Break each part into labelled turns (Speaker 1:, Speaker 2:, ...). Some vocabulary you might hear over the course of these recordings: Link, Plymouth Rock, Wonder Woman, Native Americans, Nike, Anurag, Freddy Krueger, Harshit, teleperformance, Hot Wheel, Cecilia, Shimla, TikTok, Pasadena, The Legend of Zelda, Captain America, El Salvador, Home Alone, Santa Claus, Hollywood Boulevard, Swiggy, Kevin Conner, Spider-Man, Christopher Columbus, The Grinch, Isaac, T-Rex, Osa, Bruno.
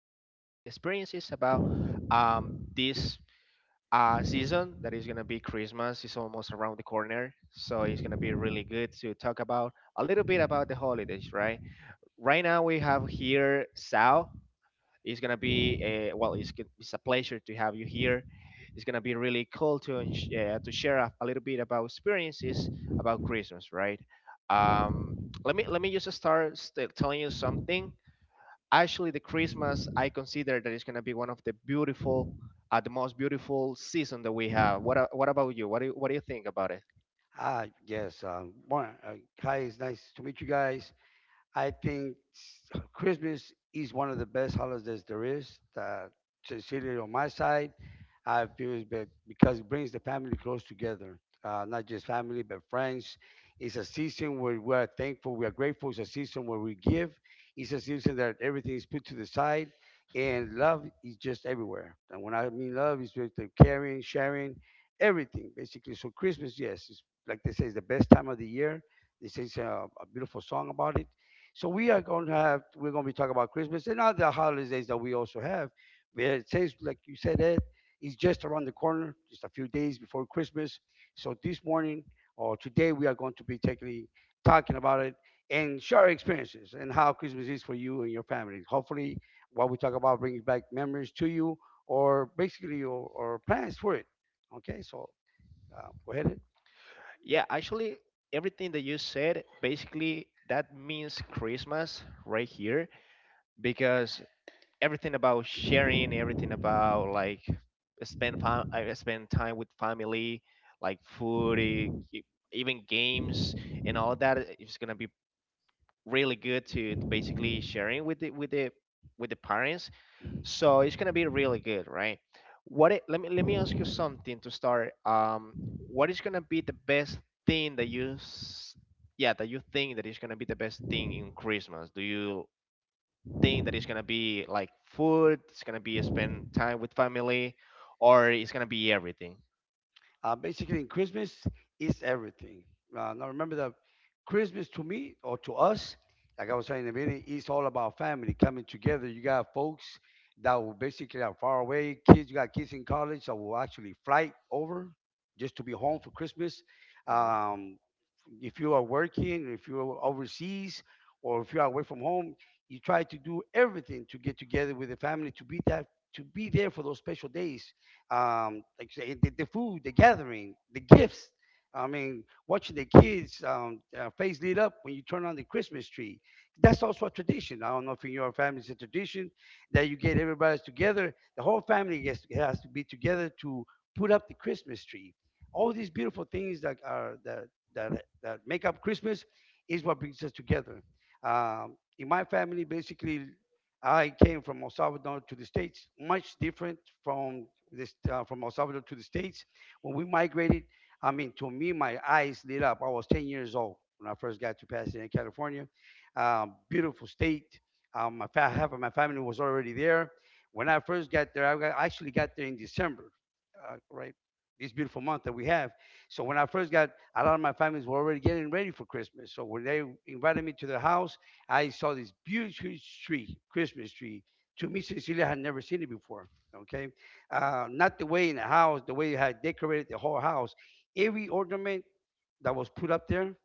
Speaker 1: memories, and experiences about this season that is gonna be Christmas. It's almost around the corner, so it's gonna be really good to talk about a little bit about the holidays, right? Right now we have here Sal. It's gonna be It's a pleasure to have you here. It's gonna be really cool to share a little bit about experiences about Christmas, right? Um, let me just start telling you something. Actually, the Christmas I consider that it's gonna be one of the beautiful, the most beautiful season that we have. What about you? What do you, what do you think about it?
Speaker 2: Ah, yes. Um, one, uh, Hi, it's nice to meet you guys. I think Christmas is one of the best holidays there is. That sincerely on my side, I feel that because it brings the family close together, not just family but friends. It's a season where we are thankful, we are grateful. It's a season where we give. It's a season that everything is put to the side, and love is just everywhere. And when I mean love, it's with the caring, sharing, everything basically. So Christmas, yes, is like they say, is the best time of the year. This is a beautiful song about it. So we are going to have we're going to be talking about Christmas and other holidays that we also have. But it says, like you said, Ed, it's just around the corner, just a few days before Christmas. So this morning or today, we are going to be taking talking about it and share our experiences and how Christmas is for you and your family. Hopefully, what we talk about brings back memories to you or basically your, or plans for it. Okay, so go ahead, Ed.
Speaker 1: Yeah, actually, everything that you said basically that means Christmas right here because everything about sharing, everything about like I spend time with family, like food, e- even games and all that is gonna be really good to basically sharing with the parents, so it's gonna be really good, right? What it, let me ask you something to start. What is gonna be the best thing that yeah, that you think that is gonna be the best thing in Christmas? Do you think that it's gonna be like food? It's gonna be spend time with family, or it's gonna be everything?
Speaker 2: Basically, in Christmas is everything. Now remember that Christmas to me or to us, like I was saying in a minute, it's all about family coming together. You got folks that will basically are far away. Kids, you got kids in college that will actually fly over just to be home for Christmas.
Speaker 1: Mhm.
Speaker 2: Um, if you are working, if you're overseas, or if you're away from home, you try to do everything to get together with the family to be that to be there for those special days, like you say, the food, the gathering, the gifts. I mean, watching the kids' face lit up when you turn on the Christmas tree. That's also a tradition. I don't know if in your family it's a tradition that you get everybody together. The whole family has to be together to put up the Christmas tree. All these beautiful things that are that make up Christmas is what brings us together. In my family, basically, I came from El Salvador to the States, much different from this from El Salvador to the States. When we migrated, I mean, to me, my eyes lit up. I was 10 years old when I first got to Pasadena, California. Beautiful state. My half of my family was already there. When I first got there, I actually got there in December, right? This beautiful month that we have. So when I first got, a lot of my families were already getting ready for Christmas. So when they invited me to their house, I saw this huge, tree, Christmas tree. To me, Cecilia had never seen it before. Okay, not the way in the house, the way you had decorated the whole house. Every ornament that was put up there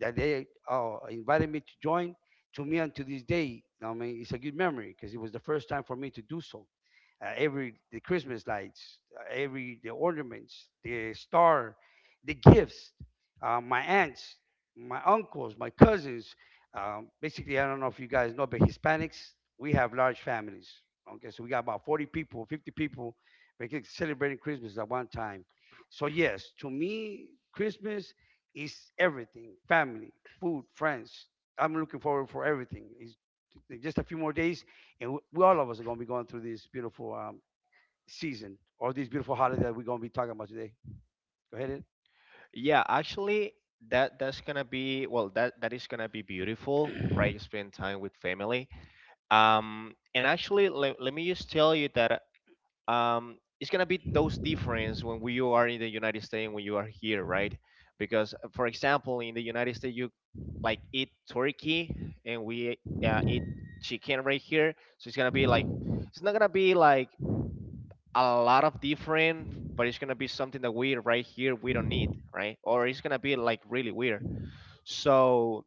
Speaker 2: that they invited me to join. To me, until this day, I mean, it's a good memory because it was the first time for me to do so. Every The Christmas lights, every the ornaments, the star, the gifts, my aunts, my uncles, my cousins. Basically, I don't know if you guys know, but Hispanics, we have large families. Okay, so we got about 40 people, 50 people, making celebrating Christmas at one time. So yes, to me, Christmas is everything, family, food, friends. I'm looking forward for everything. It's just a few more days and we, all of us are going to be going through this beautiful season or this beautiful holiday that we're going to be talking about today. Go ahead, Ed.
Speaker 1: Yeah, actually, that's gonna be that is gonna be beautiful, right? Spend time with family. And actually, let me just tell you that it's gonna be those difference when we, you are in the United States and when you are here, right? Because for example, in the United States, you like eat turkey and we eat chicken right here, so it's gonna be like it's not gonna be like a lot of different, but it's gonna be something that we right here we don't need, right? Or it's gonna be like really weird. So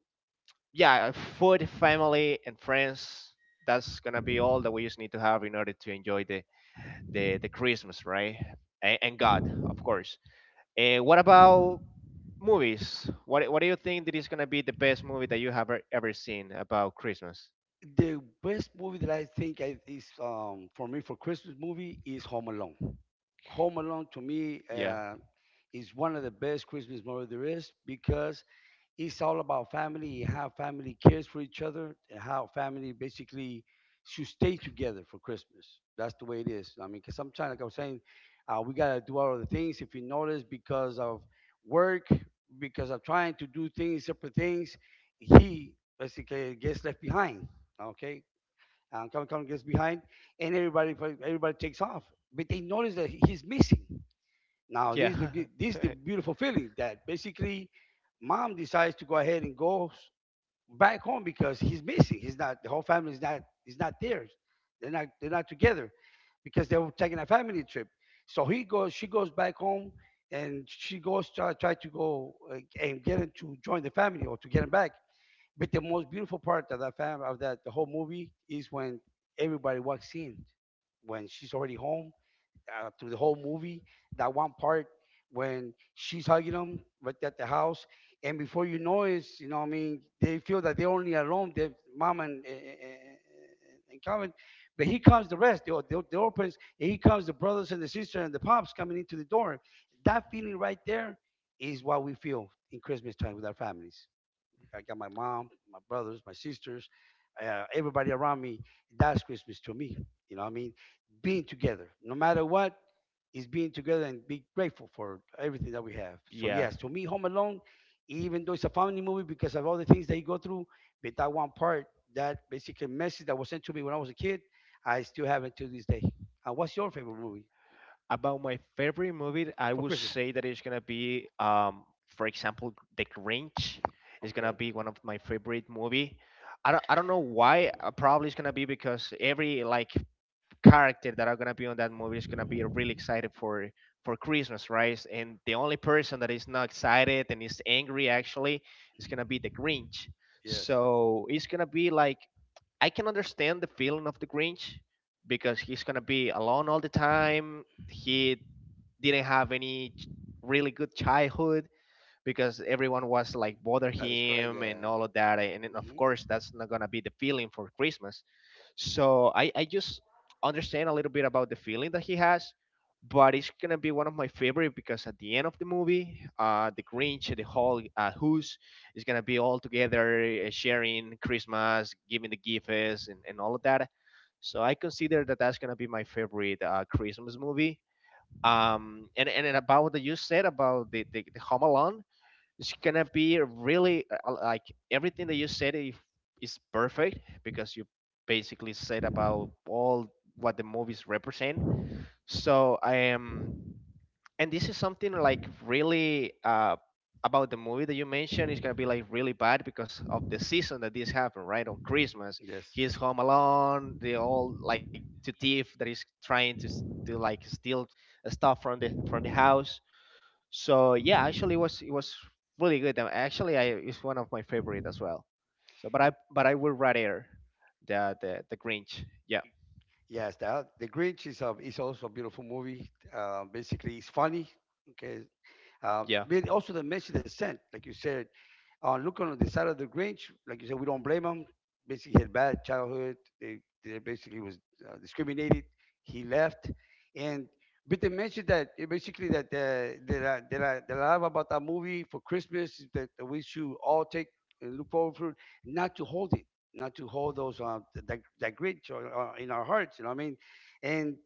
Speaker 1: yeah, food, family, and friends. That's gonna be all that we just need to have in order to enjoy the Christmas, right? And God, of course. And what about movies? What do you think that is gonna be the best movie that you have ever seen about Christmas?
Speaker 2: The best movie that I think I, is for me for Christmas movie is Home Alone. Home Alone to me
Speaker 1: Yeah,
Speaker 2: is one of the best Christmas movies there is because it's all about family and how family cares for each other and how family basically should stay together for Christmas. That's the way it is. I mean, because sometimes, like I was saying, we got to do all of the things. If you notice, because of work, because of trying to do things, separate things, he basically gets left behind. Okay? Kevin Conner gets behind, and everybody takes off. But they notice that he's missing. Now this is the
Speaker 1: yeah,
Speaker 2: this is the beautiful feeling that basically mom decides to go ahead and goes back home because he's missing. He's not The whole family is not there. They're not together because they were taking a family trip. So he goes she goes back home and try to go and get him to join the family or to get him back. But the most beautiful part of that the whole movie is when everybody walks in when she's already home through the whole movie. That one part when she's hugging him right at the house, and before you know it, you know what I mean, they feel that they're only alone, their mom and, and Calvin. But here comes the rest, the orphans, and here comes the brothers and the sister and the pops coming into the door. That feeling right there is what we feel in Christmas time with our families. I got my mom, my brothers, my sisters, everybody around me. That's Christmas to me. You know what I mean? Being together, no matter what, is being together and be grateful for everything that we have. So
Speaker 1: yeah.
Speaker 2: yes, to me, Home Alone, even though it's a family movie because of all the things that you go through, but that one part, that basically message that was sent to me when I was a kid, I still have it to this day. And what's your favorite movie
Speaker 1: About my favorite movie, I
Speaker 2: for
Speaker 1: would
Speaker 2: Christmas?
Speaker 1: say that it's gonna be, for example, The Grinch is gonna
Speaker 2: Okay.
Speaker 1: be one of my favorite movie. I don't know why. Probably it's gonna be because every like character that are gonna be on that movie is gonna be really excited for Christmas, right? And the only person that is not excited and is angry actually is gonna be the Grinch.
Speaker 2: Yes,
Speaker 1: So it's gonna be like I can understand the feeling of the Grinch because he's gonna be alone all the time. He didn't have any really good childhood because everyone was like bother
Speaker 2: that is correct.
Speaker 1: him
Speaker 2: Yeah.
Speaker 1: and all of that and of
Speaker 2: Hmm.
Speaker 1: course that's not gonna be the feeling for Christmas, so I just understand a little bit about the feeling that he has, but it's gonna be one of my favorite because at the end of the movie, the Grinch, the whole Who's is gonna be all together sharing Christmas, giving the gifts, and all of that. So I consider that that's gonna be my favorite Christmas movie. And about that you said about the Home Alone, it's gonna be really like everything that you said if, is perfect because you basically said about all what the movies represent, so I am, and this is something like really about the movie that you mentioned, it's gonna be like really bad because of the season that this happened right on Christmas.
Speaker 2: Yes.
Speaker 1: He's home alone, they all like to thief that is trying to to like steal stuff from the house. So yeah, actually it was really good. And actually, I it's one of my favorite as well. So, but I would rather the Grinch. Yeah,
Speaker 2: Yes, that The Grinch is is also a beautiful movie. Basically, it's funny. Okay.
Speaker 1: yeah,
Speaker 2: But also the message they sent, like you said, looking on the side of the Grinch, like you said, we don't blame him. Basically, he had a bad childhood. They basically was discriminated. He left, and but they mentioned that basically that that I love about that movie for Christmas is that we should all take and look forward to, not to hold it, not to hold those that that Grinch or in our hearts. You know what I mean? And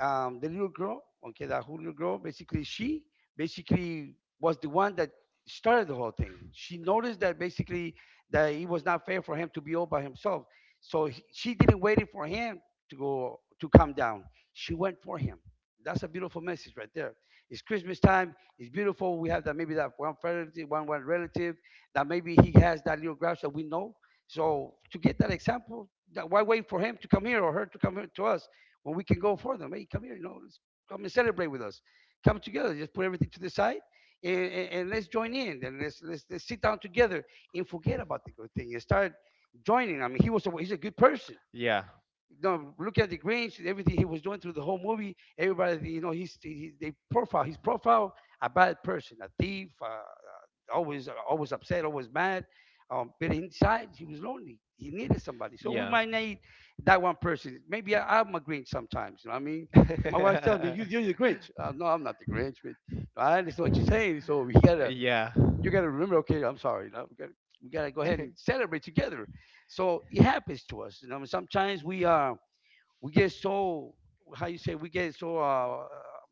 Speaker 2: the little girl, okay, that who little girl, basically she basically was the one that started the whole thing. She noticed that basically that it was not fair for him to be all by himself. So she didn't wait for him to go to come down. She went for him. That's a beautiful message right there. It's Christmas time. It's beautiful. We have that maybe that one relative, one relative that maybe he has that little grouch that we know. So to get that example, that why wait for him to come here or her to come here to us when we can go for them? Hey, come here, you know, let's come and celebrate with us, come together. Just put everything to the side and, and let's join in and let's sit down together and forget about the good thing and start joining. I mean, he's a good person.
Speaker 1: yeah,
Speaker 2: No, look at the Grinch, everything he was doing through the whole movie. Everybody, you know, they profile a bad person, a thief, always always upset, always mad. But inside, he was lonely. He needed somebody. So we
Speaker 1: yeah.
Speaker 2: might need that one person. Maybe I'm a Grinch sometimes. You know what I mean? And my wife tells me, "You're the Grinch." No, I'm not the Grinch, but I understand what you're saying. So
Speaker 1: yeah,
Speaker 2: you gotta remember. Okay, I'm sorry. You know, we gotta go ahead and celebrate together. So it happens to us. You know, sometimes we get, so how you say, we get so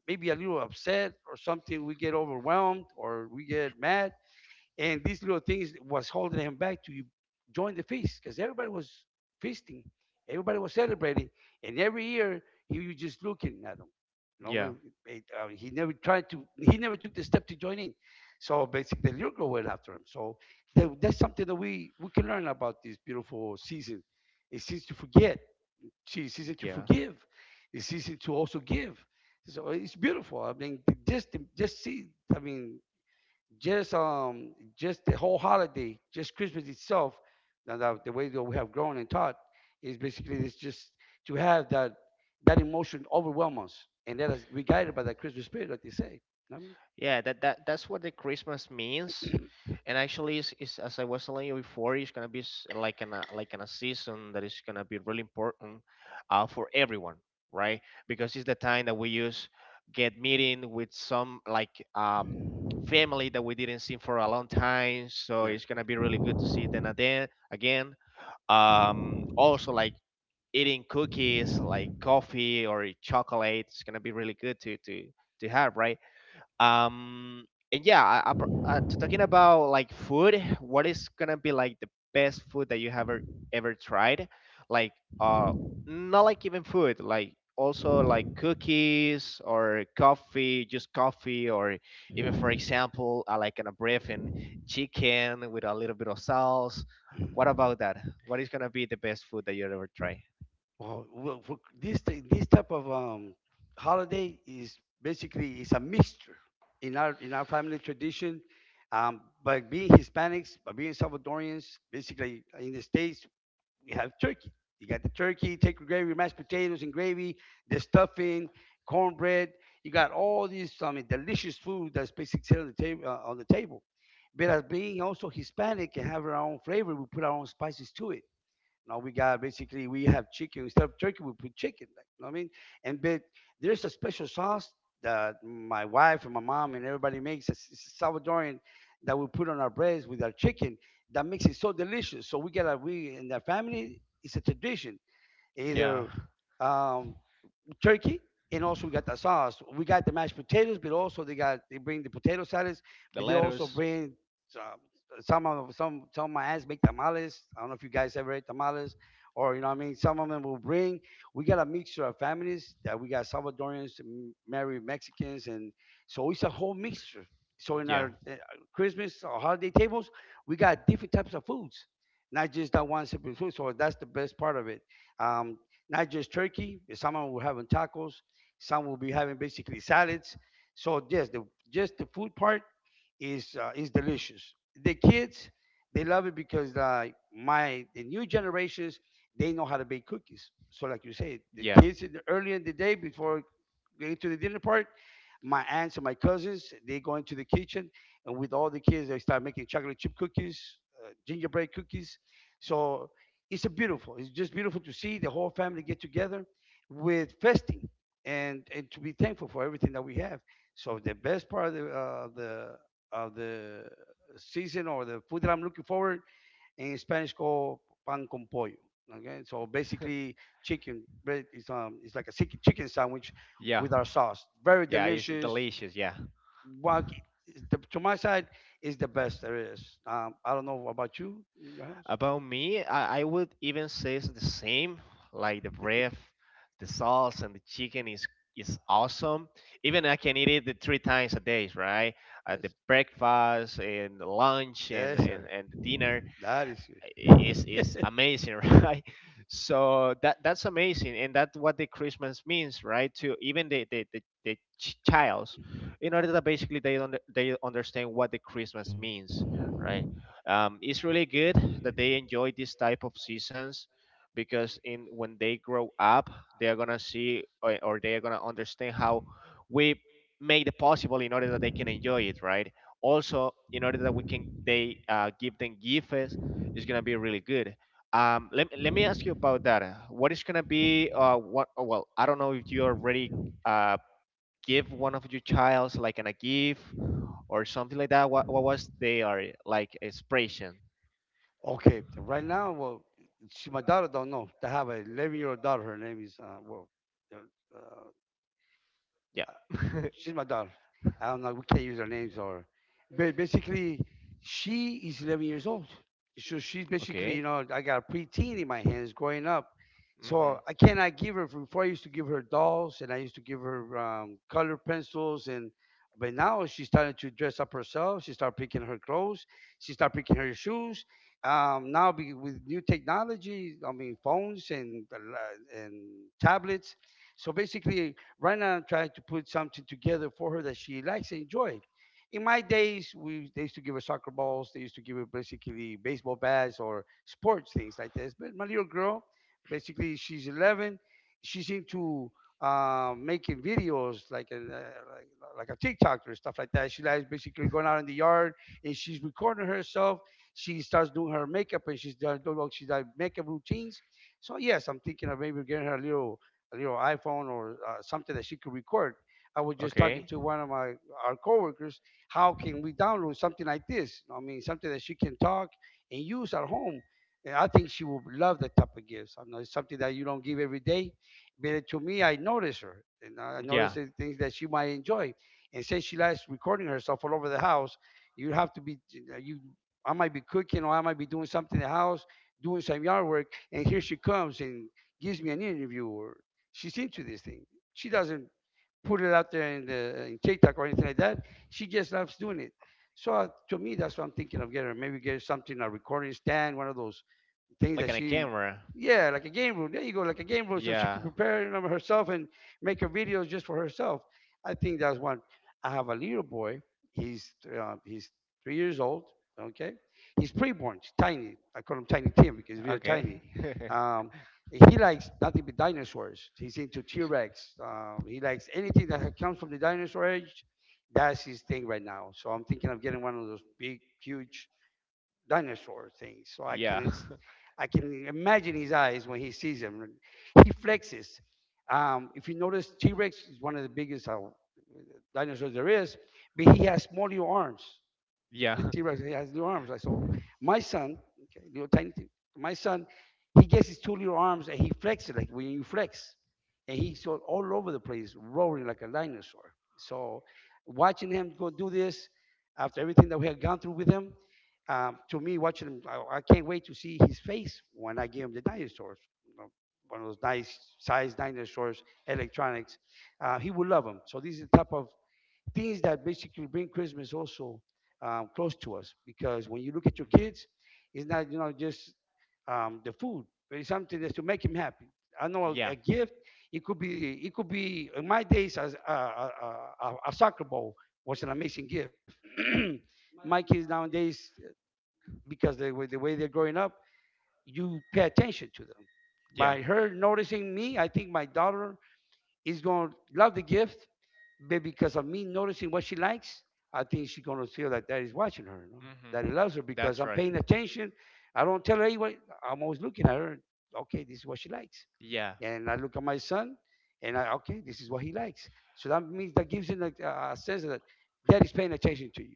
Speaker 2: maybe a little upset or something, we get overwhelmed or we get mad and these little things was holding him back to join the feast because everybody was feasting, everybody was celebrating and every year he was just looking at them. You know,
Speaker 1: yeah,
Speaker 2: he never tried to, he never took the step to join in. So basically the little girl went after him. So that's something that we can learn about this beautiful season. It seems to forget, it's easy to
Speaker 1: yeah.
Speaker 2: forgive. It's easy to also give. So it's beautiful. I mean, just see. I mean, just the whole holiday, just Christmas itself. Now that the way that we have grown and taught is basically it's just to have that emotion overwhelm us and let us be guided by that Christmas spirit, like they say. You know
Speaker 1: Yeah, that's what the Christmas means. And actually, is as I was telling you before, it's gonna be like an a season that is gonna be really important for everyone, right? Because it's the time that we use get meeting with some like
Speaker 2: what I mean,
Speaker 1: family that we didn't see for a long time. So
Speaker 2: that's
Speaker 1: it's gonna
Speaker 2: good.
Speaker 1: be really good to see them again. Again, also like eating cookies, like coffee or chocolate. It's gonna be really good to have, right? um and yeah, I, br- to talking about like food, what is gonna be like the best food that you have ever, ever tried, like uh not like even food like also like cookies or coffee, just coffee, or even for example I like an brief and chicken with a little bit of sauce? What about that? What is gonna be the best food that you ever try?
Speaker 2: Well, for this type of holiday is basically it's a mixture in our family tradition. By being Hispanics, by being Salvadorians, basically in the states we have turkey. You got the turkey, take gravy, mashed potatoes and gravy, the stuffing, cornbread. You got all these, I mean, delicious food that's basically set on the table. But as being also Hispanic and have our own flavor, we put our own spices to it. Now we got, basically, we have chicken instead of turkey we put chicken. Like, you know what I mean? And but there's a special sauce that my wife and my mom and everybody makes. It's Salvadorian that we put on our breads with our chicken that makes it so delicious. So we get a, we in the family it's a tradition.
Speaker 1: Yeah,
Speaker 2: Either um, turkey, and also we got the sauce. We got the mashed potatoes, but also they bring the potato salads, but
Speaker 1: the
Speaker 2: they also
Speaker 1: lettuce.
Speaker 2: bring some some of my aunts make tamales. I don't know if you guys ever ate tamales, or you know what I mean. Some of them will bring. We got a mixture of families that we got Salvadorians, married Mexicans, and so it's a whole mixture. So in
Speaker 1: Yeah,
Speaker 2: our Christmas or holiday tables, we got different types of foods, not just that one simple food. So that's the best part of it. Um, not just turkey. Some will be having tacos. Some will be having basically salads. So yes, the just the food part is delicious. The kids they love it because like my the new generations they know how to bake cookies. So like you say, the
Speaker 1: yeah,
Speaker 2: kids in early in the day before going to the dinner part, my aunts and my cousins they go into the kitchen and with all the kids they start making chocolate chip cookies, gingerbread cookies. So it's a beautiful. It's just beautiful to see the whole family get together with festing and to be thankful for everything that we have. So the best part of the season or the food that I'm looking forward in Spanish called pan con pollo. Okay, so basically chicken, but it's like a chicken sandwich
Speaker 1: yeah.
Speaker 2: with our sauce. Very
Speaker 1: Yeah, it's
Speaker 2: delicious.
Speaker 1: delicious. Yeah.
Speaker 2: What is to my side is the best there is. I don't know about you in your house.
Speaker 1: About me, I would even say it's the same. Like the breath, the sauce, and the chicken is awesome. Even I can eat it the three times a day, right? At the
Speaker 2: Yes,
Speaker 1: breakfast and the lunch
Speaker 2: yes, sir.
Speaker 1: and the dinner.
Speaker 2: That is it.
Speaker 1: Is amazing. Right, so that that's amazing, and that's what the Christmas means, right? To even the childs in order that basically they don't they understand what the Christmas means, right? It's really good that they enjoy this type of seasons, because in when they grow up they are gonna see, or they are gonna understand how we make it possible in order that they can enjoy it, right? Also in order that we can they give them gifts is going to be really good. Let me ask you about that. What is going to be, I don't know if you already uh, give one of your childs like an, a gift or something like that. What was they are like expression?
Speaker 2: Okay, right now, well, my daughter don't know. They have a 11-year-old daughter. Her name is well, uh,
Speaker 1: Yeah.
Speaker 2: uh, she's my daughter. I don't know. We can't use her names, or, but basically, she is 11 years old. So she's basically,
Speaker 1: Okay.
Speaker 2: I got a preteen in my hands growing up.
Speaker 1: hmm
Speaker 2: So I cannot give her. Before I used to give her dolls, and I used to give her colored pencils, and but now she started to dress up herself. She started picking her clothes. She started picking her shoes. Now, with new technology, I mean phones and tablets. So basically, right now, I'm trying to put something together for her that she likes and enjoyed. In my days, we they used to give her soccer balls. They used to give her basically baseball bats or sports things like this. But my little girl, basically, she's 11. She's into making videos like an, like like a TikTok or stuff like that. She likes basically going out in the yard and she's recording herself. She starts doing her makeup and she's done doing she's like makeup routines. So yes, I'm thinking of maybe getting her a little iPhone or something that she could record. I was just talking
Speaker 1: Okay.
Speaker 2: to one of my our coworkers. How can we download something like this? I mean something that she can talk and use at home, and I think she would love that type of gifts. I know it's something that you don't give every day, but to me I notice her and I notice
Speaker 1: Yeah.
Speaker 2: the things that she might enjoy. And since she likes recording herself all over the house, you have to be you I might be cooking, or I might be doing something in the house doing some yard work, and here she comes and gives me an interview, or she's into these things. She doesn't put it out there in TikTok or anything like that. She just loves doing it. So to me, that's what I'm thinking of getting her. Maybe get her something, a recording stand, one of those things
Speaker 1: Like on
Speaker 2: that
Speaker 1: a
Speaker 2: she,
Speaker 1: camera.
Speaker 2: yeah, like a game room, there you go, like a game room, so she
Speaker 1: Yeah.
Speaker 2: can prepare herself and make her videos just for herself. I think that's one. I have a little boy, he's he's 3 years old. Okay, he's preborn, he's tiny. I call him Tiny Tim because he's very
Speaker 1: Okay.
Speaker 2: tiny. Um, he likes nothing but dinosaurs. He's into T-rex. He likes anything that comes from the dinosaur age. That's his thing right now. So I'm thinking of getting one of those big huge dinosaur thing. So I
Speaker 1: yeah.
Speaker 2: can I can imagine his eyes when he sees them. He flexes. If you notice, T Rex is one of the biggest dinosaurs there is, but he has smaller arms,
Speaker 1: Yeah.
Speaker 2: the
Speaker 1: hmm
Speaker 2: T-Rex, he has little arms. I saw my son, okay, little tiny, thing. My son, he gets his two little arms and he flexes like when you flex, and he's all over the place, roaring like a dinosaur. So watching him go do this after everything that we had gone through with him, to me, watching him, I can't wait to see his face when I give him the dinosaurs, you know, one of those nice sized dinosaurs, electronics. He would love them. So these are the type of things that basically bring Christmas also close to us. Because when you look at your kids, it's not just the food, but it's something that's to make him happy. I know
Speaker 1: Yeah.
Speaker 2: a gift. It could be in my days as a soccer ball was an amazing gift. My kids nowadays, because the way they're growing up, you pay attention to them.
Speaker 1: Yeah.
Speaker 2: By her noticing me, I think my daughter is going to love the gift, but because of me noticing what she likes, I think she's going to feel like daddy's watching her, no?
Speaker 1: hmm
Speaker 2: That he loves her because
Speaker 1: That's
Speaker 2: I'm
Speaker 1: right.
Speaker 2: paying attention. I don't tell her anyway. I'm always looking at her. Okay, this is what she likes.
Speaker 1: Yeah.
Speaker 2: And I look at my son, and I okay, this is what he likes. So that means that gives him like, a sense that daddy's paying attention to you.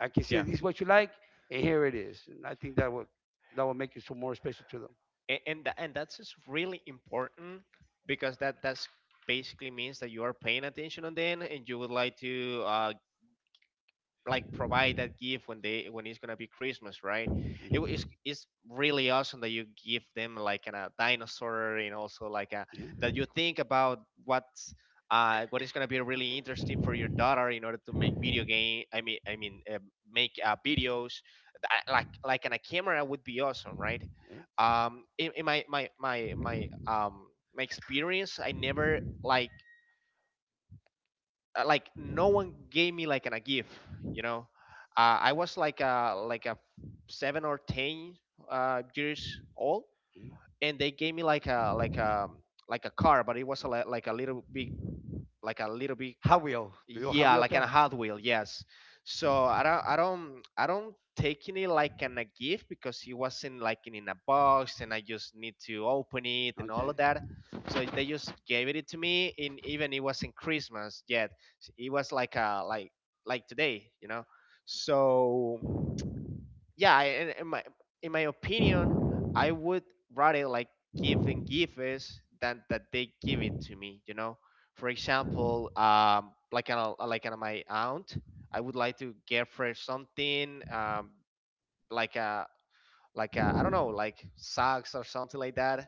Speaker 2: I can see that
Speaker 1: Yeah.
Speaker 2: this is what you like, and here it is. And I think that will make you so more special to them.
Speaker 1: And that's just really important because that's basically means that you are paying attention on them and you would like to like provide that gift when they when it's gonna be Christmas, right? It's really awesome that you give them like an, a dinosaur and also like a
Speaker 2: Yeah,
Speaker 1: that you think about what's what is gonna be really interesting for your daughter in order to make video game. Make videos like on a camera would be awesome, right?
Speaker 2: yeah.
Speaker 1: In my experience, I never like like no one gave me like an, a gift, you know. I was like a seven or ten years old and they gave me like a car, but it was a, like a little big like a little bit.
Speaker 2: Hot Wheel, do you know Hot
Speaker 1: Yeah,
Speaker 2: Wheel
Speaker 1: like on
Speaker 2: car?
Speaker 1: a Hot Wheel, yes. So I don't taking it like an a gift because it wasn't like in a box, and I just need to open it and all
Speaker 2: Okay.
Speaker 1: of that. So they just gave it to me, and even it wasn't Christmas yet. It was like a like like today, you know. So yeah, in my opinion, I would rather like give is than that they give it to me, you know. For example, like an, my aunt, I would like to get her something, like a like a, I don't know, like socks or something like that.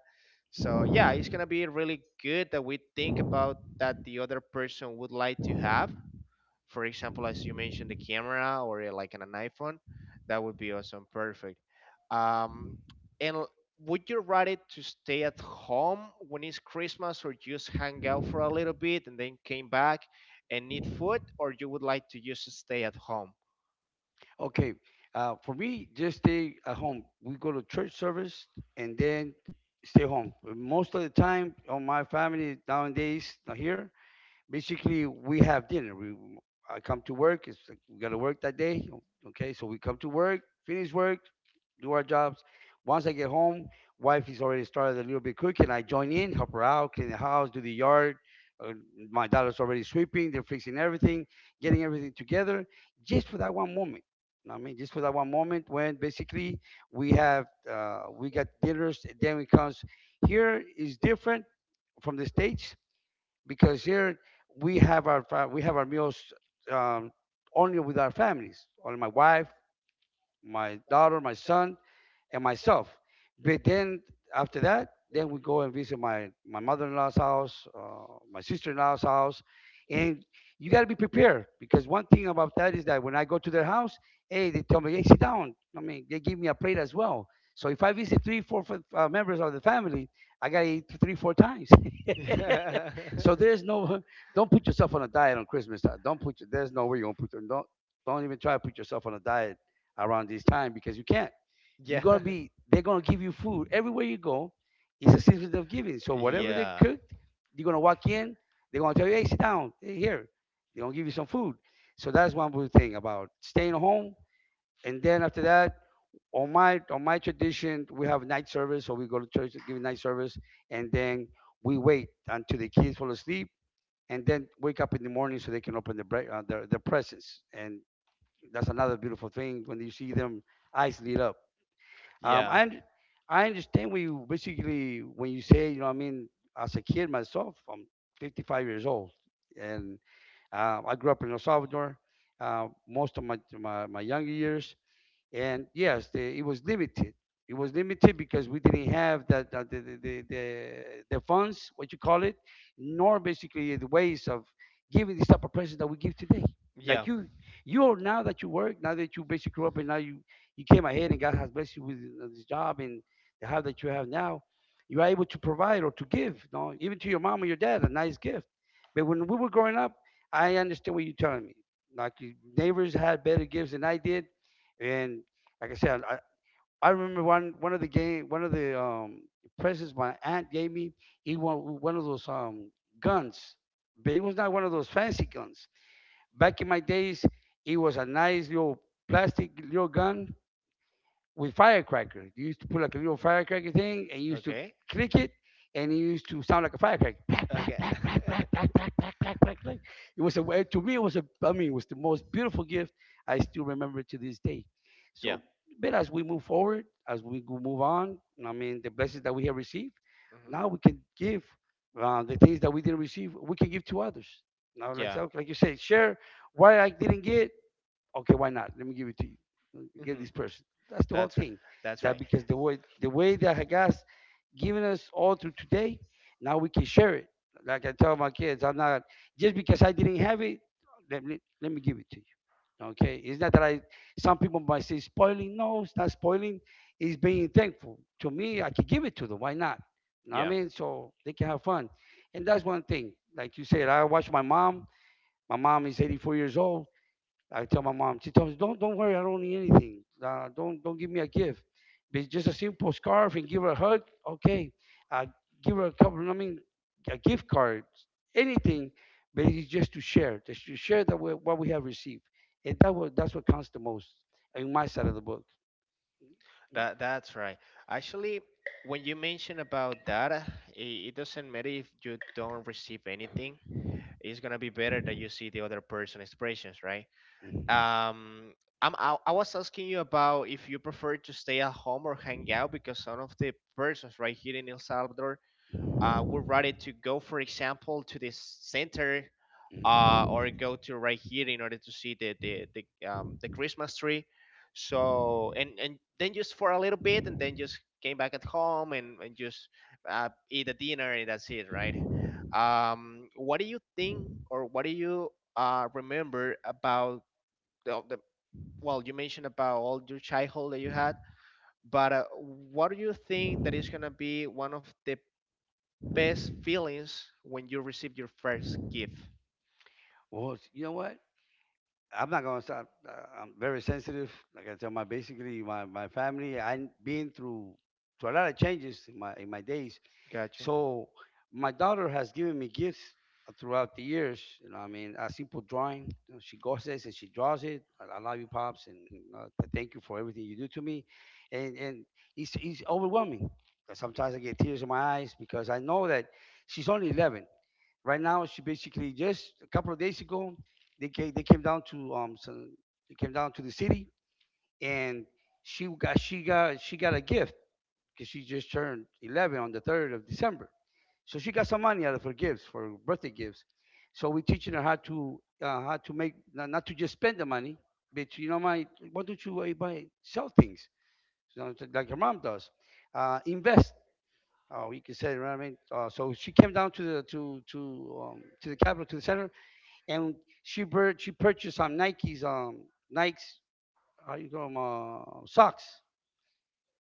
Speaker 1: So yeah, it's gonna be really good that we think about that the other person would like to have, for example, as you mentioned, the camera or like on an iPhone, that would be awesome, perfect. Um, and l- would you rather to stay at home when it's Christmas, or just hang out for a little bit and then came back and need food, or you would like to just stay at home?
Speaker 2: Okay. For me, just stay at home. We go to church service and then stay home. Most of the time, on my family nowadays, not here, basically we have dinner. We I come to work. It's like we gotta work that day. Okay, so we come to work, finish work, do our jobs. Once I get home, wife is already started a little bit cooking. I join in, help her out, clean the house, do the yard. Uh, my daughter's already sweeping. They're fixing everything, getting everything together, just for that one moment. You know what I mean, just for that one moment when basically we got dinners. Then it comes here is different from the states because here we have our meals um, only with our families, only my wife, my daughter, my son, and myself. But then after that, then we go and visit my mother-in-law's house, my sister-in-law's house, and you got to be prepared because one thing about that is that when I go to their house, hey, they tell me, hey, sit down. I mean, they give me a plate as well. So if I visit three, four members of the family, I gotta eat three, four times. So there's no, don't put yourself on a diet on Christmas time. Don't put. There's no way you're gonna put. Don't even try to put yourself on a diet around this time because you can't. You're
Speaker 1: yeah.
Speaker 2: gonna be they're gonna give you food everywhere you go. It's a system of giving. So whatever they
Speaker 1: Yeah.
Speaker 2: cooked, you're gonna walk in, they're gonna tell you, hey, sit down, hey, here. They're gonna give you some food. So that's one good thing about staying home. And then after that, on my tradition, we have night service, so we go to church to give night service, and then we wait until the kids fall asleep, and then wake up in the morning so they can open the their presents. And that's another beautiful thing when you see them eyes lit up, um,
Speaker 1: Yeah.
Speaker 2: I und- I understand what you basically when you say, you know what I mean, as a kid myself, I'm 55 years old, and I grew up in El Salvador. Most of my younger years, and yes, it was limited. It was limited because we didn't have that the funds, what you call it, nor basically the ways of giving this type of present that we give today. Like
Speaker 1: Yeah.
Speaker 2: you are now that you work, now that you basically grew up, and now you came ahead, and God has blessed you with this job and the house that you have now. You are able to provide or to give, you know, even to your mom or your dad, a nice gift. But when we were growing up, I understand what you're telling me. Like your neighbors had better gifts than I did, and like I said, I remember one of the presents my aunt gave me. He won one of those guns, but it was not one of those fancy guns. Back in my days, it was a nice little plastic little gun with firecrackers. You used to put like a little firecracker thing and you used to
Speaker 1: Okay.
Speaker 2: click it and it used to sound like a firecracker. Black, black,
Speaker 1: Okay.
Speaker 2: black, black, black, black, black, black, black, black, black. It was to me it was a I mean it was the most beautiful gift. I still remember it to this day. So
Speaker 1: yeah.
Speaker 2: but as we move forward, as we go move on, I mean the blessings that we have received, now we can
Speaker 1: hmm
Speaker 2: give the things that we didn't receive, we can give to others. Now, like
Speaker 1: Yeah.
Speaker 2: like you said, share what I didn't get. Okay, why not? Let me give it to you. Get
Speaker 1: hmm
Speaker 2: this person. That's the whole
Speaker 1: That's right.
Speaker 2: thing.
Speaker 1: That's
Speaker 2: That
Speaker 1: right.
Speaker 2: because the way that Haggas given us all through today, now we can share it. Like I tell my kids, I'm not just because I didn't have it. Let me give it to you. Okay, it's not that I. Some people might say spoiling. No, it's not spoiling. It's being thankful. To me, I can give it to them. Why not? You know what I
Speaker 1: Yeah.
Speaker 2: mean? So they can have fun, and that's one thing. Like you said, I watch my mom. My mom is 84 years old. I tell my mom. She tells me, "Don't worry. I don't need anything. Don't give me a gift." It's just a simple scarf and give her a hug. Okay. Uh, Give her a couple. I mean, a gift card. Anything. But it's just to share. Just to share that what we have received. And that's what counts the most in my side of the book.
Speaker 1: That that's right. Actually, when you mention about data, it doesn't matter if you don't receive anything. It's gonna be better that you see the other person expressions, right?
Speaker 2: Mhm.
Speaker 1: um I was asking you about if you prefer to stay at home or hang out because some of the persons right here in El Salvador would rather to go, for example, to the center or go to right here in order to see the Christmas tree. So and then just for a little bit and then just came back at home and just eat a dinner and that's it, right? What do you think or what do you remember about the, you mentioned about all your childhood that you had, but what do you think that is gonna be one of the best feelings when you receive your first gift?
Speaker 2: Well, you know what? I'm not gonna stop. I'm very sensitive. Like I tell my basically my family. I been through a lot of changes in my days.
Speaker 1: Gotcha.
Speaker 2: So my daughter has given me gifts throughout the years. You know, I mean, a simple drawing. You know, she goes this and she draws it. I love you, pops, and thank you for everything you do to me. And it's overwhelming. Sometimes I get tears in my eyes because I know that she's only 11 right now. She basically just a couple of days ago they came down to they came down to the city and she got a gift because she just turned 11 on the 3rd of December, so she got some money out of her gifts, for her birthday gifts. So we're teaching her how to make not, not to just spend the money, but you know, my why don't you buy sell things, you know, like your mom does, invest. Oh, you can say, you know what I mean. So she came down to the capital, to the center, and she purchased some Nikes, Nikes how you call them, socks.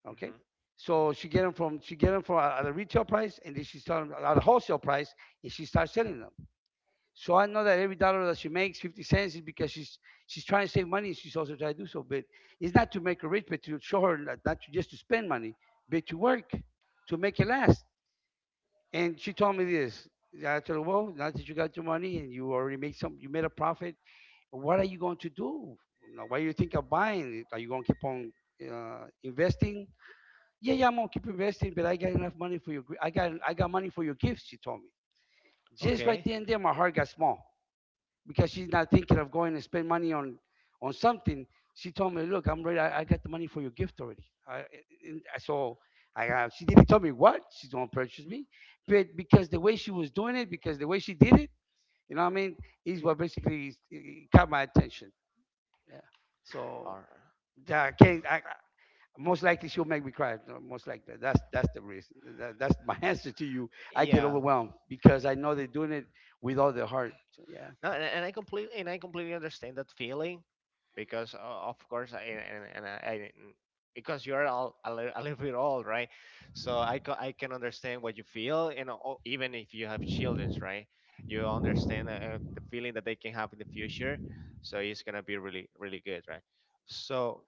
Speaker 2: Okay,
Speaker 1: Hmm.
Speaker 2: so she get them from she get them for at a retail price, and then she start 'em at a wholesale price, and she starts selling them. So I know that every dollar that she makes, 50¢, is because she's trying to save money and she's also trying to do so. But it's not to make her rich, but to show her that not to just to spend money, but to work, to make it last. And she told me this. I told her, well, now that you got your money and you already made some, you made a profit. What are you going to do? You know, what do you think of buying? Are you going to keep on investing? Yeah, I'm gonna keep investing, but I got enough money for your. I got money for your gifts, she told me. Just right
Speaker 1: Okay.
Speaker 2: then and there, my heart got small because she's not thinking of going and spend money on something. She told me, "Look, I'm ready. I got the money for your gift already." I, and so I she didn't tell me what she's gonna purchase me, but because the way she was doing it, because the way she did it, you know what I mean, is what basically caught my attention. Yeah. So
Speaker 1: Or
Speaker 2: yeah, I can't. Most likely she'll make me cry. No, most likely that's the reason. That's my answer to you. I get
Speaker 1: yeah.
Speaker 2: overwhelmed because I know they're doing it with all their heart. So, yeah.
Speaker 1: No, and I completely understand that feeling because of course I, and I because you're all a little bit old, right? So I can understand what you feel, and even if you have childrens, right? You understand the feeling that they can have in the future, so it's gonna be really really good, right? So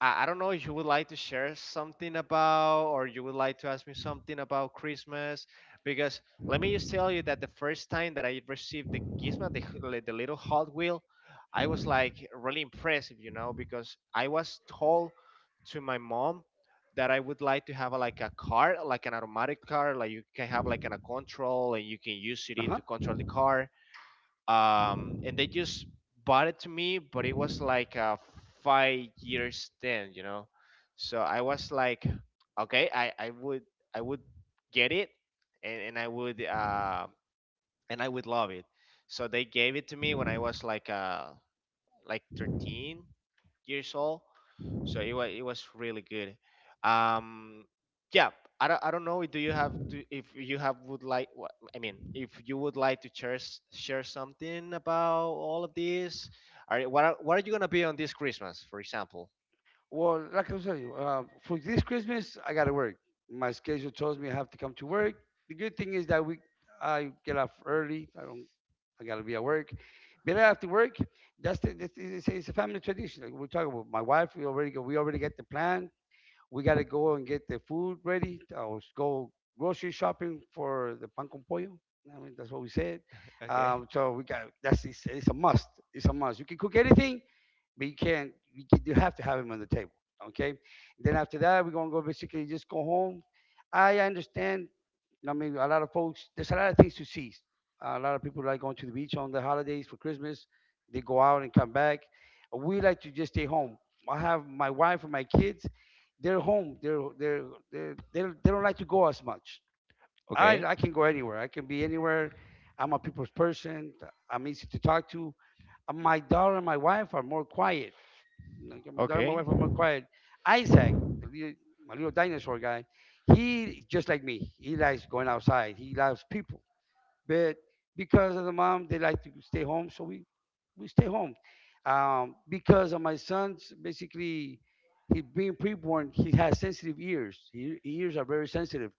Speaker 1: I don't know if you would like to share something about, or you would like to ask me something about Christmas, because let me just tell you that the first time that I received the Gizmo, the little Hot Wheel, I was like really impressive, you know, because I was told to my mom that I would like to have like a car, like an automatic car, like you can have like a control and you can use
Speaker 2: Uh
Speaker 1: it
Speaker 2: huh.
Speaker 1: to control the car and they just bought it to me, but it was like a 5 years then, you know. So I was like, okay, I would get it, and, and I would uh, and I would love it. So they gave it to me when I was like 13, years old. So it was really good. Um, yeah, I don't know. Do you have to if you have would like what I mean if you would like to share share something about all of this? Are what are you gonna be on this Christmas, for example?
Speaker 2: Well, like I was telling you, for this Christmas, I gotta work. My schedule tells me I have to come to work. The good thing is that we, I get off early. I don't, I gotta be at work. But after work, that's it's a family tradition. Like we're talking about my wife. We already go, we already get the plan. We gotta go and get the food ready. Or go grocery shopping for the pan con pollo. I mean, that's what we said.
Speaker 1: Okay.
Speaker 2: So we got that's it's a must. It's a must. You can cook anything, but you can't. You have to have him on the table. Okay. Then after that, we're gonna go basically just go home. I understand. I mean, a lot of folks. There's a lot of things to see. A lot of people like going to the beach on the holidays for Christmas. They go out and come back. We like to just stay home. I have my wife and my kids. They're home. They they don't like to go as much.
Speaker 1: Okay.
Speaker 2: I can go anywhere. I can be anywhere. I'm a people's person. I'm easy to talk to. My daughter and my wife are more quiet, like my dog and my
Speaker 1: Okay.
Speaker 2: wife are more quiet. Isaac, the little, my little dinosaur guy, he is just like me. He likes going outside. He loves people. But because of the mom, they like to stay home, so we stay home. Because of my son's basically he being preborn, he has sensitive ears. His ears are very sensitive.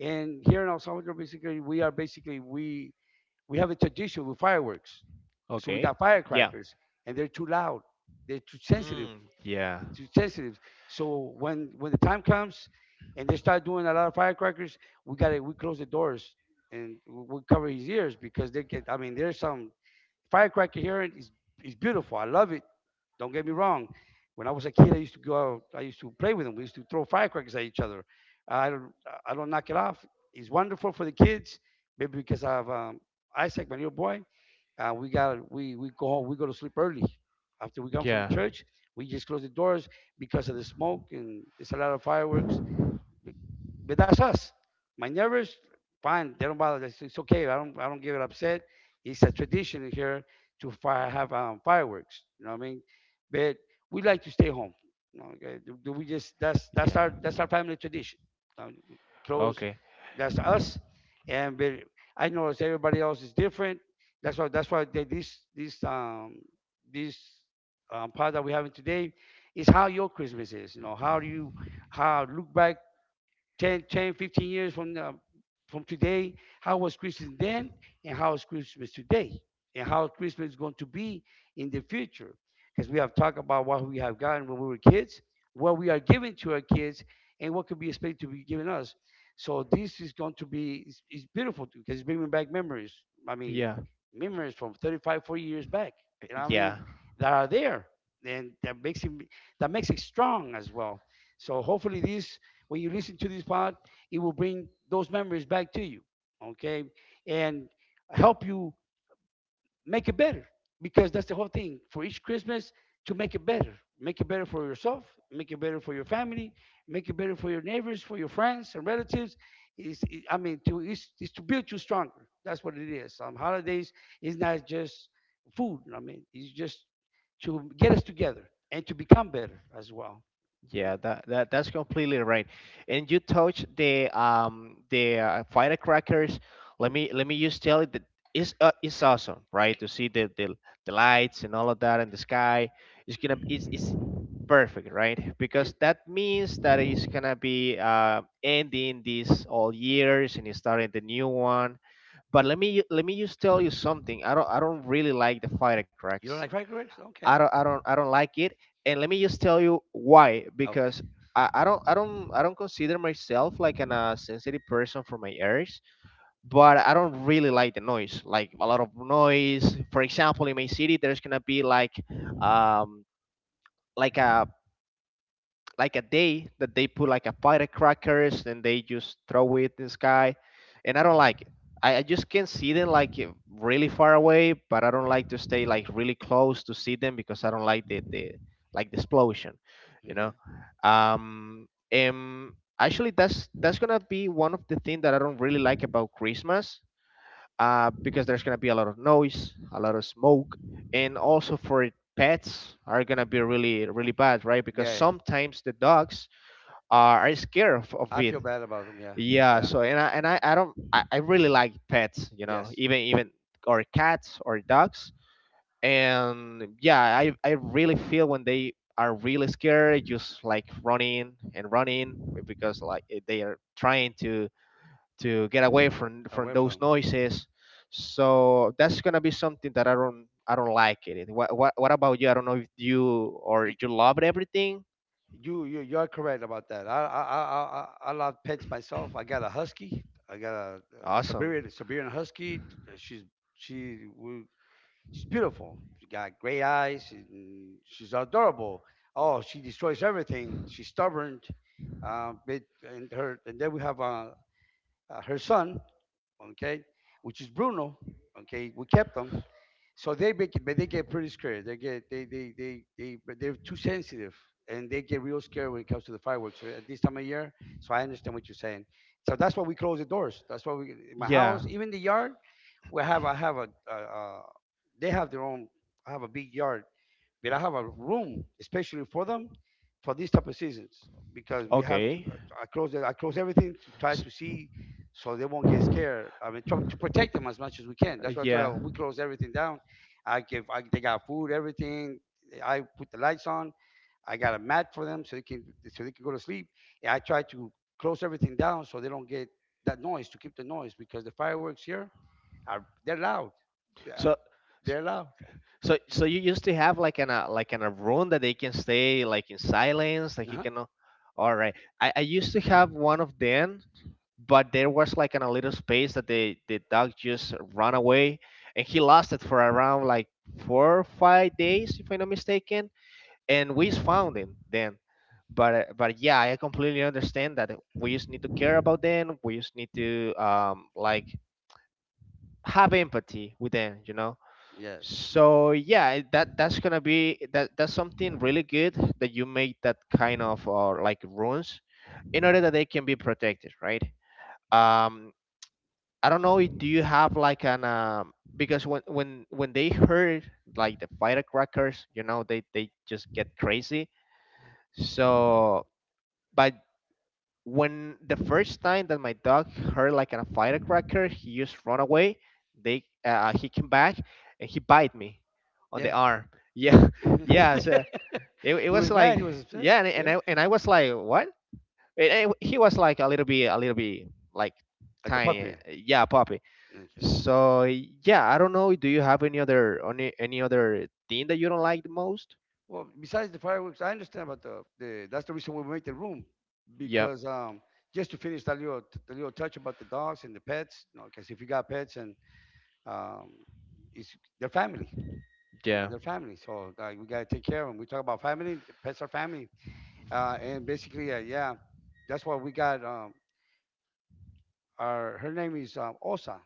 Speaker 2: And here in El Salvador, basically, we are basically we have a tradition with fireworks. So we
Speaker 1: Okay.
Speaker 2: got
Speaker 1: Yeah.
Speaker 2: firecrackers, and they're too loud. They're too sensitive
Speaker 1: Mm, yeah.
Speaker 2: too sensitive. So when the time comes and they start doing a lot of firecrackers, we got to we close the doors and we cover his ears because they get. I mean, there's some firecracker here is beautiful. I love it, don't get me wrong. When I was a kid, I used to go out. I used to play with them. We used to throw firecrackers at each other. I don't, I don't knock it off. It's wonderful for the kids. Maybe because I have Isaac, my little boy. We go home. We go to sleep early. After we come from
Speaker 1: Yeah.
Speaker 2: church, we just close the doors because of the smoke and it's a lot of fireworks. But that's us. My neighbors, fine, they don't bother. It's okay. I don't get upset. It's a tradition here to have fireworks. You know what I mean? But we like to stay home. Okay, do, do we just
Speaker 1: Yeah.
Speaker 2: that's our family tradition. Um, close,
Speaker 1: Okay.
Speaker 2: that's us. And but I notice everybody else is different. That's why they, this this part that we're having today is how your Christmas is. You know, how do you how look back 15 years from now, from today, how was Christmas then, and how is Christmas today, and how Christmas is going to be in the future. Because we have talked about what we have gotten when we were kids, what we are giving to our kids, and what could be expected to be given us. So this is going to be it's beautiful because it's bringing back memories. I mean,
Speaker 1: Yeah.
Speaker 2: memories from 35, 40 years back. You know what I mean?
Speaker 1: Yeah.
Speaker 2: That are there, and that makes it strong as well. So hopefully, this when you listen to this pod, it will bring those memories back to you, okay? And help you make it better, because that's the whole thing for each Christmas, to make it better. Make it better for yourself, make it better for your family, make it better for your neighbors, for your friends and relatives. I mean, to is to build you stronger. That's what it is. Holidays is not just food. I mean, it's just to get us together and to become better as well.
Speaker 1: Yeah, that that's completely right. And you touch the firecrackers.
Speaker 2: Mm,
Speaker 1: Let me just tell you that it's awesome, right? To see the the lights and all of that in the sky. It's it's perfect, right?
Speaker 2: yeah.
Speaker 1: Because that means that it's gonna be ending these all years and starting the new one. But let me just tell you something. I don't really like the
Speaker 2: You
Speaker 1: firecrackers.
Speaker 2: don't like firecrackers? Okay.
Speaker 1: I don't like it. And let me just tell you why
Speaker 2: Okay.
Speaker 1: because I don't consider myself like an sensitive person for my ears, but I don't really like the noise, like a lot of noise. For example, in my city, there's gonna be like um like a like a day that they put like a packet of crackers and they just throw it in the sky, and I don't like it. I just can see them like really far away, but I don't like to stay like really close to see them because I don't like the like the explosion, you know.
Speaker 2: Okay.
Speaker 1: And actually, that's gonna be one of the things that I don't really like about Christmas because there's gonna be a lot of noise, a lot of smoke, and also for pets are gonna be really really bad, right? Because
Speaker 2: Yeah,
Speaker 1: sometimes the dogs are scared of
Speaker 2: I
Speaker 1: it.
Speaker 2: feel bad about them. Yeah,
Speaker 1: Yeah.
Speaker 2: yeah,
Speaker 1: So I don't I really like pets, you know,
Speaker 2: yes,
Speaker 1: even even or cats or dogs. And yeah, I really feel when they are really scared, just like running and running because like they are trying to get away from
Speaker 2: away from
Speaker 1: those
Speaker 2: them.
Speaker 1: noises. So that's gonna be something that I don't like it. What about you? I don't know if you or
Speaker 2: You,
Speaker 1: you loved everything.
Speaker 2: you are correct about that. I love pets myself. I got a husky. I got a
Speaker 1: Awesome.
Speaker 2: Siberian husky. Uh, She's, she, we, she's beautiful. She got gray eyes. She's adorable. Oh, she destroys everything. She's stubborn. And then we have her son. Okay, which is Bruno. Okay, we kept him. So they make it, but they get pretty scared. They get they but they're too sensitive and they get real scared when it comes to the fireworks, right, at this time of year. So I understand what you're saying. So that's why we close the doors. That's why we, in my
Speaker 1: Yeah.
Speaker 2: house, even the yard, we have I have a they have their own. I have a big yard. Did I have a room especially for them for these type of seasons. Because we have to,
Speaker 1: Okay.
Speaker 2: I close everything, to try
Speaker 1: S-
Speaker 2: to see so they won't get scared. I mean, try to protect them as much as we can. That's why I try to,
Speaker 1: yeah.
Speaker 2: we close everything down. They got food, everything. I put the lights on. I got a mat for them so they can go to sleep. And I try to close everything down so they don't get that noise, to keep the noise, because the fireworks here are they're loud. They're,
Speaker 1: So
Speaker 2: they're loud.
Speaker 1: so you used to have like an a room that they can stay like in silence, like you
Speaker 2: Uh-huh.
Speaker 1: can. Uh, all right. I used to have one of them but there was like a little space that the dog just ran away and he lost it for around like 4 or 5 days if I'm not mistaken and we found him then but yeah I completely understand that we just need to care about them. We just need to like have empathy with them, you know.
Speaker 2: Yes.
Speaker 1: So yeah, that's gonna be that's something really good that you make that kind of like rules in order that they can be protected, right? Um, I don't know. Do you have like an because when they heard like the firecrackers, you know, they just get crazy. So, but when the first time that my dog heard like a firecracker, he just run away. They He came back and he bite me on the
Speaker 2: Yeah.
Speaker 1: arm. Yeah, yeah. So it
Speaker 2: He
Speaker 1: was
Speaker 2: was mad,
Speaker 1: like
Speaker 2: he was upset.
Speaker 1: yeah, and,
Speaker 2: Yeah,
Speaker 1: and I and I was like what? And he was like a little bit like
Speaker 2: like a
Speaker 1: tiny,
Speaker 2: puppy.
Speaker 1: yeah, puppy.
Speaker 2: Okay.
Speaker 1: So yeah, I don't know. Do you have any other any other thing that you don't like the most?
Speaker 2: Well, besides the fireworks, I understand about the that's the reason we make the room,
Speaker 1: Yep.
Speaker 2: because just to finish that little the little touch about the dogs and the pets, you know, because if you got pets, and um it's their family. You know,
Speaker 1: Yeah.
Speaker 2: their family. So like we gotta take care of them. We talk about family, the pets are family. And basically, yeah, that's why we got her name is Osa,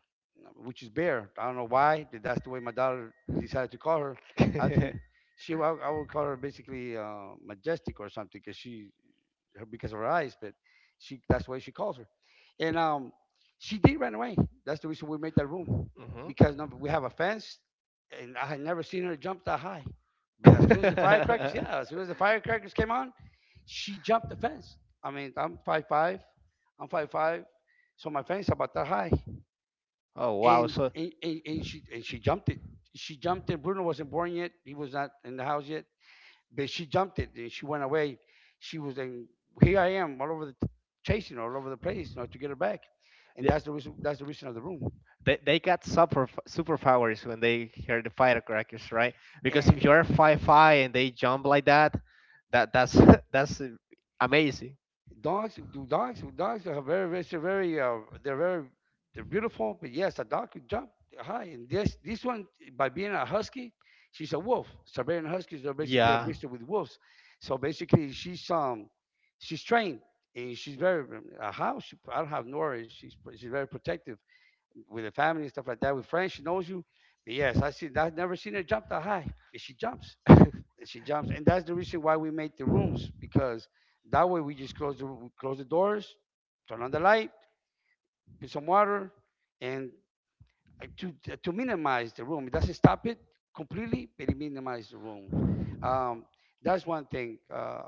Speaker 2: which is bear. I don't know why, but that's the way my daughter decided to call her. I think I would call her basically majestic or something because because of her eyes, that's the way she calls her. And she did run away. That's the reason we made that room,
Speaker 1: Hmm.
Speaker 2: because we have a fence, and I had never seen her jump that high. But as soon as the firecrackers, yeah, as soon as the firecrackers came on, she jumped the fence. I mean, I'm five five. So my fence about that high,
Speaker 1: Oh wow!
Speaker 2: and
Speaker 1: So
Speaker 2: and, and, and she and she jumped it. She jumped it. Bruno wasn't born yet. He was not in the house yet. But she jumped it and she went away. She was in. Here I am, all over the chasing all over the place, to get her back. And
Speaker 1: th-
Speaker 2: that's the reason. That's the reason of the room.
Speaker 1: they got super superpowers when they hear the firecrackers, right? Because if
Speaker 2: And
Speaker 1: you're five and they jump like that, that's that's amazing.
Speaker 2: Dogs do dogs dogs are very, very, they're very they're beautiful. But yes, a dog can jump high. And this one, by being a husky, she's a wolf. Siberian huskies are basically a
Speaker 1: Yeah.
Speaker 2: mixture with wolves. So basically, she's trained, and she's very, how she I don't have, nor she's very protective with the family and stuff like that. With friends, she knows you. But yes, I see. I've never seen her jump that high. But she jumps she jumps, and that's the reason why we make the rooms, because that way we just close, the close the doors, turn on the light, put some water, and to minimize the room. It doesn't stop it completely, but it minimizes the rooms. Um, that's one thing.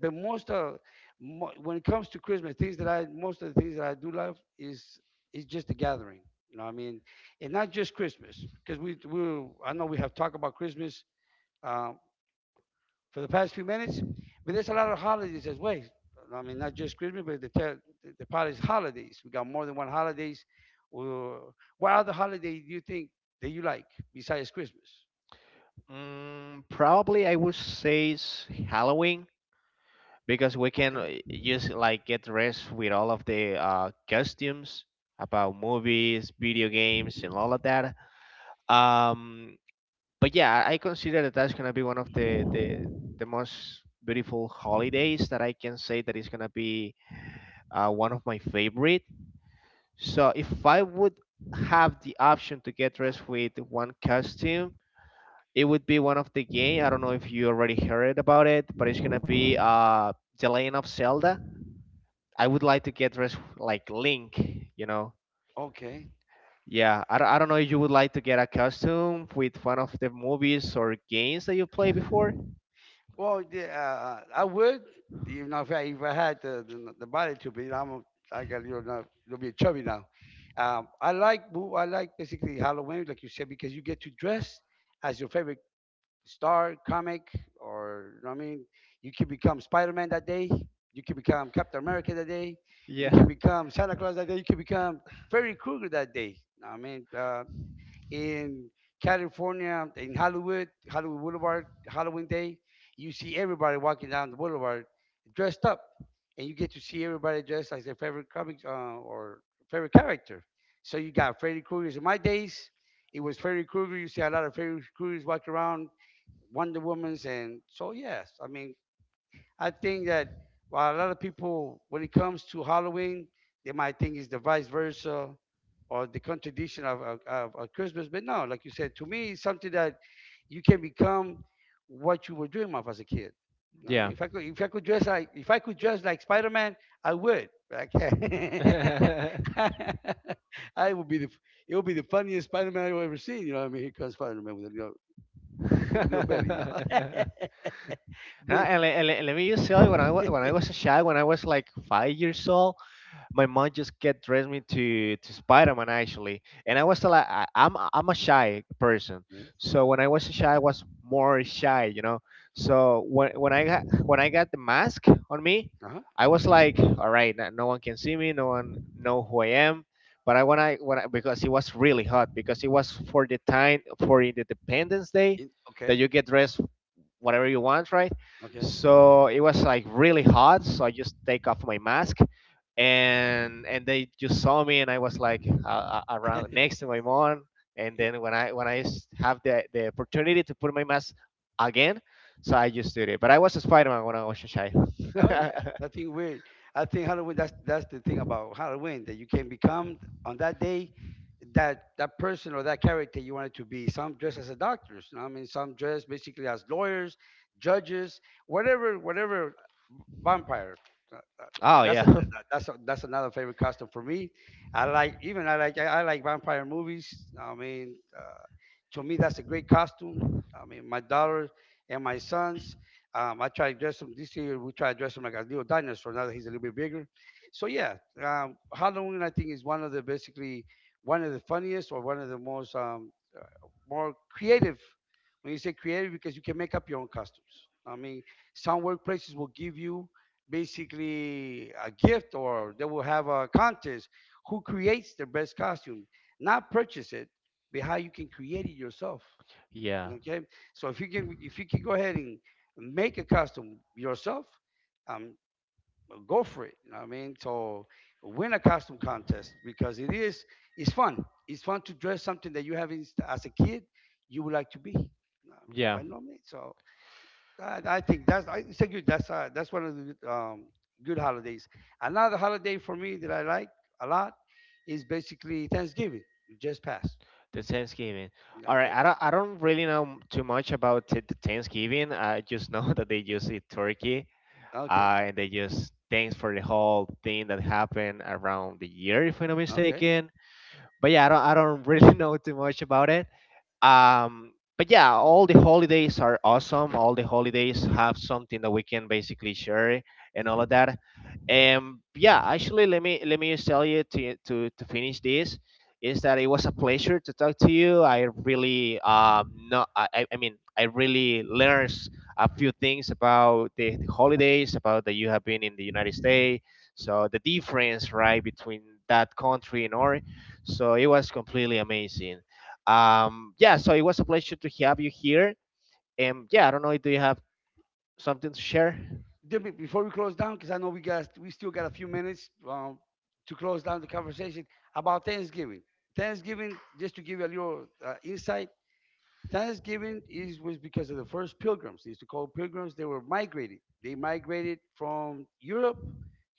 Speaker 2: But when it comes to Christmas, things that I most of the things that I do love is just the gathering. You know what I mean, and not just Christmas, because we I know we have talked about Christmas. Uh, for the past few minutes. But there's a lot of holidays as well. I mean, not just Christmas, but the part holidays. We got more than one holidays. Well, what other holiday do you think that you like besides Christmas?
Speaker 1: Mm, probably I would say it's Halloween because we can
Speaker 2: Okay,
Speaker 1: just like get dressed with all of the costumes about movies, video games, and all of that. Um, but yeah, I consider that that's gonna be one of the most beautiful holidays that I can say that is gonna be one of my favorite. So if I would have the option to get dressed with one costume, it would be one of the game. I don't know if you already heard about it, but it's gonna be The Legend of Zelda. I would like to get like Link, you know.
Speaker 2: okay.
Speaker 1: Yeah, I don't know if you would like to get a costume with one of the movies or games that you played before.
Speaker 2: Well, even if I had the body to be, I got a little bit chubby now. I like basically Halloween, like you said, because you get to dress as your favorite star comic, or you know what I mean, you can become Spider-Man that day, you can become Captain America that day, you
Speaker 1: Yeah.
Speaker 2: can become Santa Claus that day, you can become Freddy Krueger that day. You know what I mean, in California, in Hollywood, Hollywood Boulevard, Halloween Day, you see everybody walking down the boulevard dressed up, and you get to see everybody dressed as their favorite comics, or favorite character. So you got Freddy Krueger's. In my days, it was Freddy Krueger. You see a lot of Freddy Krueger's walking around, Wonder Woman's, and so yes, I mean, I think that while a lot of people, when it comes to Halloween, they might think it's the vice versa or the contradiction of Christmas. But no, like you said, to me, it's something that you can become what you were dreaming of as a kid. You know what I
Speaker 1: Yeah.
Speaker 2: mean, if I could dress like, if I could dress like Spider Man, I would. But I can't. I would be the, it would be the funniest Spider Man I've ever seen. You know what I mean? Here comes Spider Man with the real belly now.
Speaker 1: No, and, let me just tell you, when when I
Speaker 2: but
Speaker 1: was a child, when I was like 5 years old, my mom just get dressed me to Spider-Man actually, and I was like, I'm a shy person, so when I was shy, I was more shy, you know. So when I got the mask on me,
Speaker 2: Uh-huh.
Speaker 1: I was like, all right, no no one can see me, no one know who I am. But because it was really hot because it was for the time for the Independence Day that
Speaker 2: Okay.
Speaker 1: you get dressed whatever you want, right?
Speaker 2: Okay.
Speaker 1: So it was like really hot, so I just take off my mask and they just saw me and I was like around next to my mom and then when I have the opportunity to put my mask again, so I just did it. But I was a Spider-Man when I was a child.
Speaker 2: Oh yeah, nothing weird. I think Halloween. That's the thing about Halloween, that you can become on that day that that person or that character you wanted to be. Some dress as a doctors. You know what I mean, some dress basically as lawyers, judges, whatever vampire. Uh, uh, uh,
Speaker 1: Oh
Speaker 2: That's
Speaker 1: yeah.
Speaker 2: a, that's another favorite costume for me. I like vampire movies. I mean, to me that's a great costume. I mean, my daughter and my sons. I try to dress them this year. We try to dress them like a little dinosaur. Now that he's a little bit bigger, so yeah, Halloween I think is one of the funniest or one of the most more creative. When you say creative, because you can make up your own costumes. I mean, some workplaces will give you basically a gift, or they will have a contest who creates the best costume. Not purchase it, but how you can create it yourself.
Speaker 1: Yeah,
Speaker 2: Okay, so if you can, if you can go ahead and make a costume yourself, um go for it. You know what I mean? So win a costume contest, because it's fun. It's fun to dress something that you haven't, as a kid you would like to be, you know what I mean?
Speaker 1: yeah,
Speaker 2: By no means. So I think that's, it's a good, that's one of the good, good holidays. Another holiday for me that I like a lot is basically Thanksgiving. It just passed.
Speaker 1: the Thanksgiving. All right,
Speaker 2: Okay,
Speaker 1: I don't really know too much about the Thanksgiving. I just know that they just eat turkey
Speaker 2: okay,
Speaker 1: and they just thanks for the whole thing that happened around the year, if I'm not
Speaker 2: okay.
Speaker 1: mistaken. But yeah, I don't really know too much about it. Um, but yeah, all the holidays are awesome. All the holidays have something that we can basically share and all of that. And yeah, actually, let me just tell you to to finish this is that it was a pleasure to talk to you. I really no I, I mean I really learned a few things about the holidays about that you have been in the United States, so the difference, right, between that country and ours. So it was completely amazing. Um, yeah, so it was a pleasure to have you here. And yeah, I don't know, if do you have something to share?
Speaker 2: Before we close down, because I know we still got a few minutes to close down the conversation about Thanksgiving. Thanksgiving, just to give you a little insight, Thanksgiving is, was because of the first pilgrims. They used to call pilgrims. They were migrated. They migrated from Europe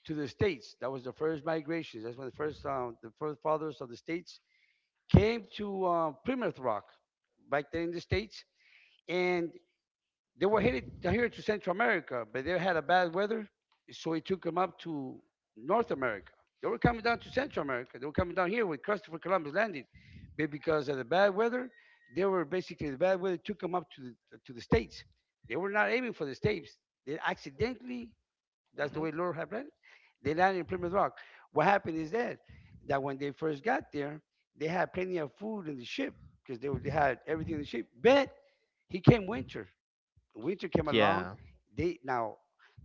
Speaker 2: to the states. That was the first migration. That's when the first fathers of the states came to Plymouth Rock back then in the states, and they were headed here to Central America, but they had a bad weather, so it took them up to North America. They were coming down to Central America. They were coming down here when Christopher Columbus landed, but because of the bad weather, they were basically, the bad weather took them up to the, to the states. They were not aiming for the states. They accidentally, that's the
Speaker 1: Hmm.
Speaker 2: way the Lord had planned it, they landed in Plymouth Rock. What happened is that, that when they first got there, they had plenty of food in the ship, because they were, they had everything in the ship. But he came winter, winter came along,
Speaker 1: Yeah,
Speaker 2: they, now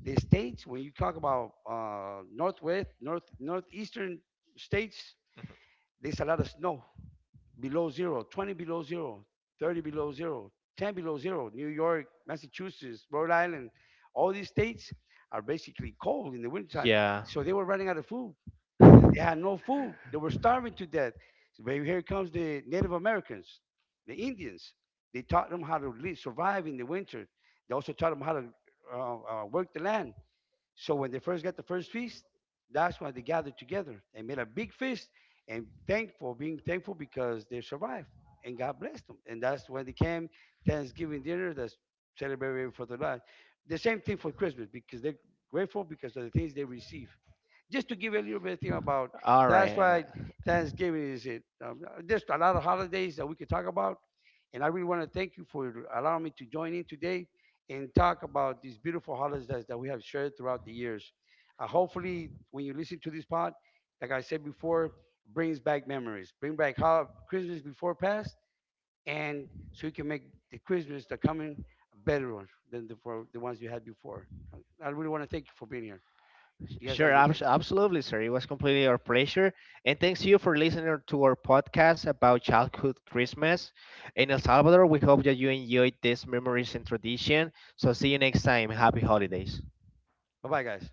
Speaker 2: the states, when you talk about northwest, northeastern states, there's a lot of snow, below zero, 20 below zero, 30 below zero, 10 below zero. New York, Massachusetts, Rhode Island, all these states are basically cold in the wintertime.
Speaker 1: yeah.
Speaker 2: So they were running out of food. They had no food. They were starving to death. So baby, here comes the Native Americans, the Indians. They taught them how to live, survive in the winter. They also taught them how to uh, work the land. So when they first got the first feast, that's when they gathered together. They made a big feast and thankful, being thankful because they survived and God blessed them. And that's when they came Thanksgiving dinner, that's celebrated for the Lord. The same thing for Christmas, because they're grateful because of the things they receive. Just to give you a little bit of thing about,
Speaker 1: All
Speaker 2: that's
Speaker 1: right.
Speaker 2: why Thanksgiving is it. There's a lot of holidays that we could talk about. And I really want to thank you for allowing me to join in today and talk about these beautiful holidays that we have shared throughout the years. Hopefully, when you listen to this pod, like I said before, brings back memories, bring back how Christmas before past, and so you can make the Christmas the coming a better one than the, for the ones you had before. I really want to thank you for being here. You guys have
Speaker 1: Sure,
Speaker 2: a good day.
Speaker 1: absolutely, sir. It was completely our pleasure. And thanks you for listening to our podcast about childhood Christmas in El Salvador. We hope that you enjoyed these memories and tradition. So see you next time. Happy holidays.
Speaker 2: Bye bye, guys.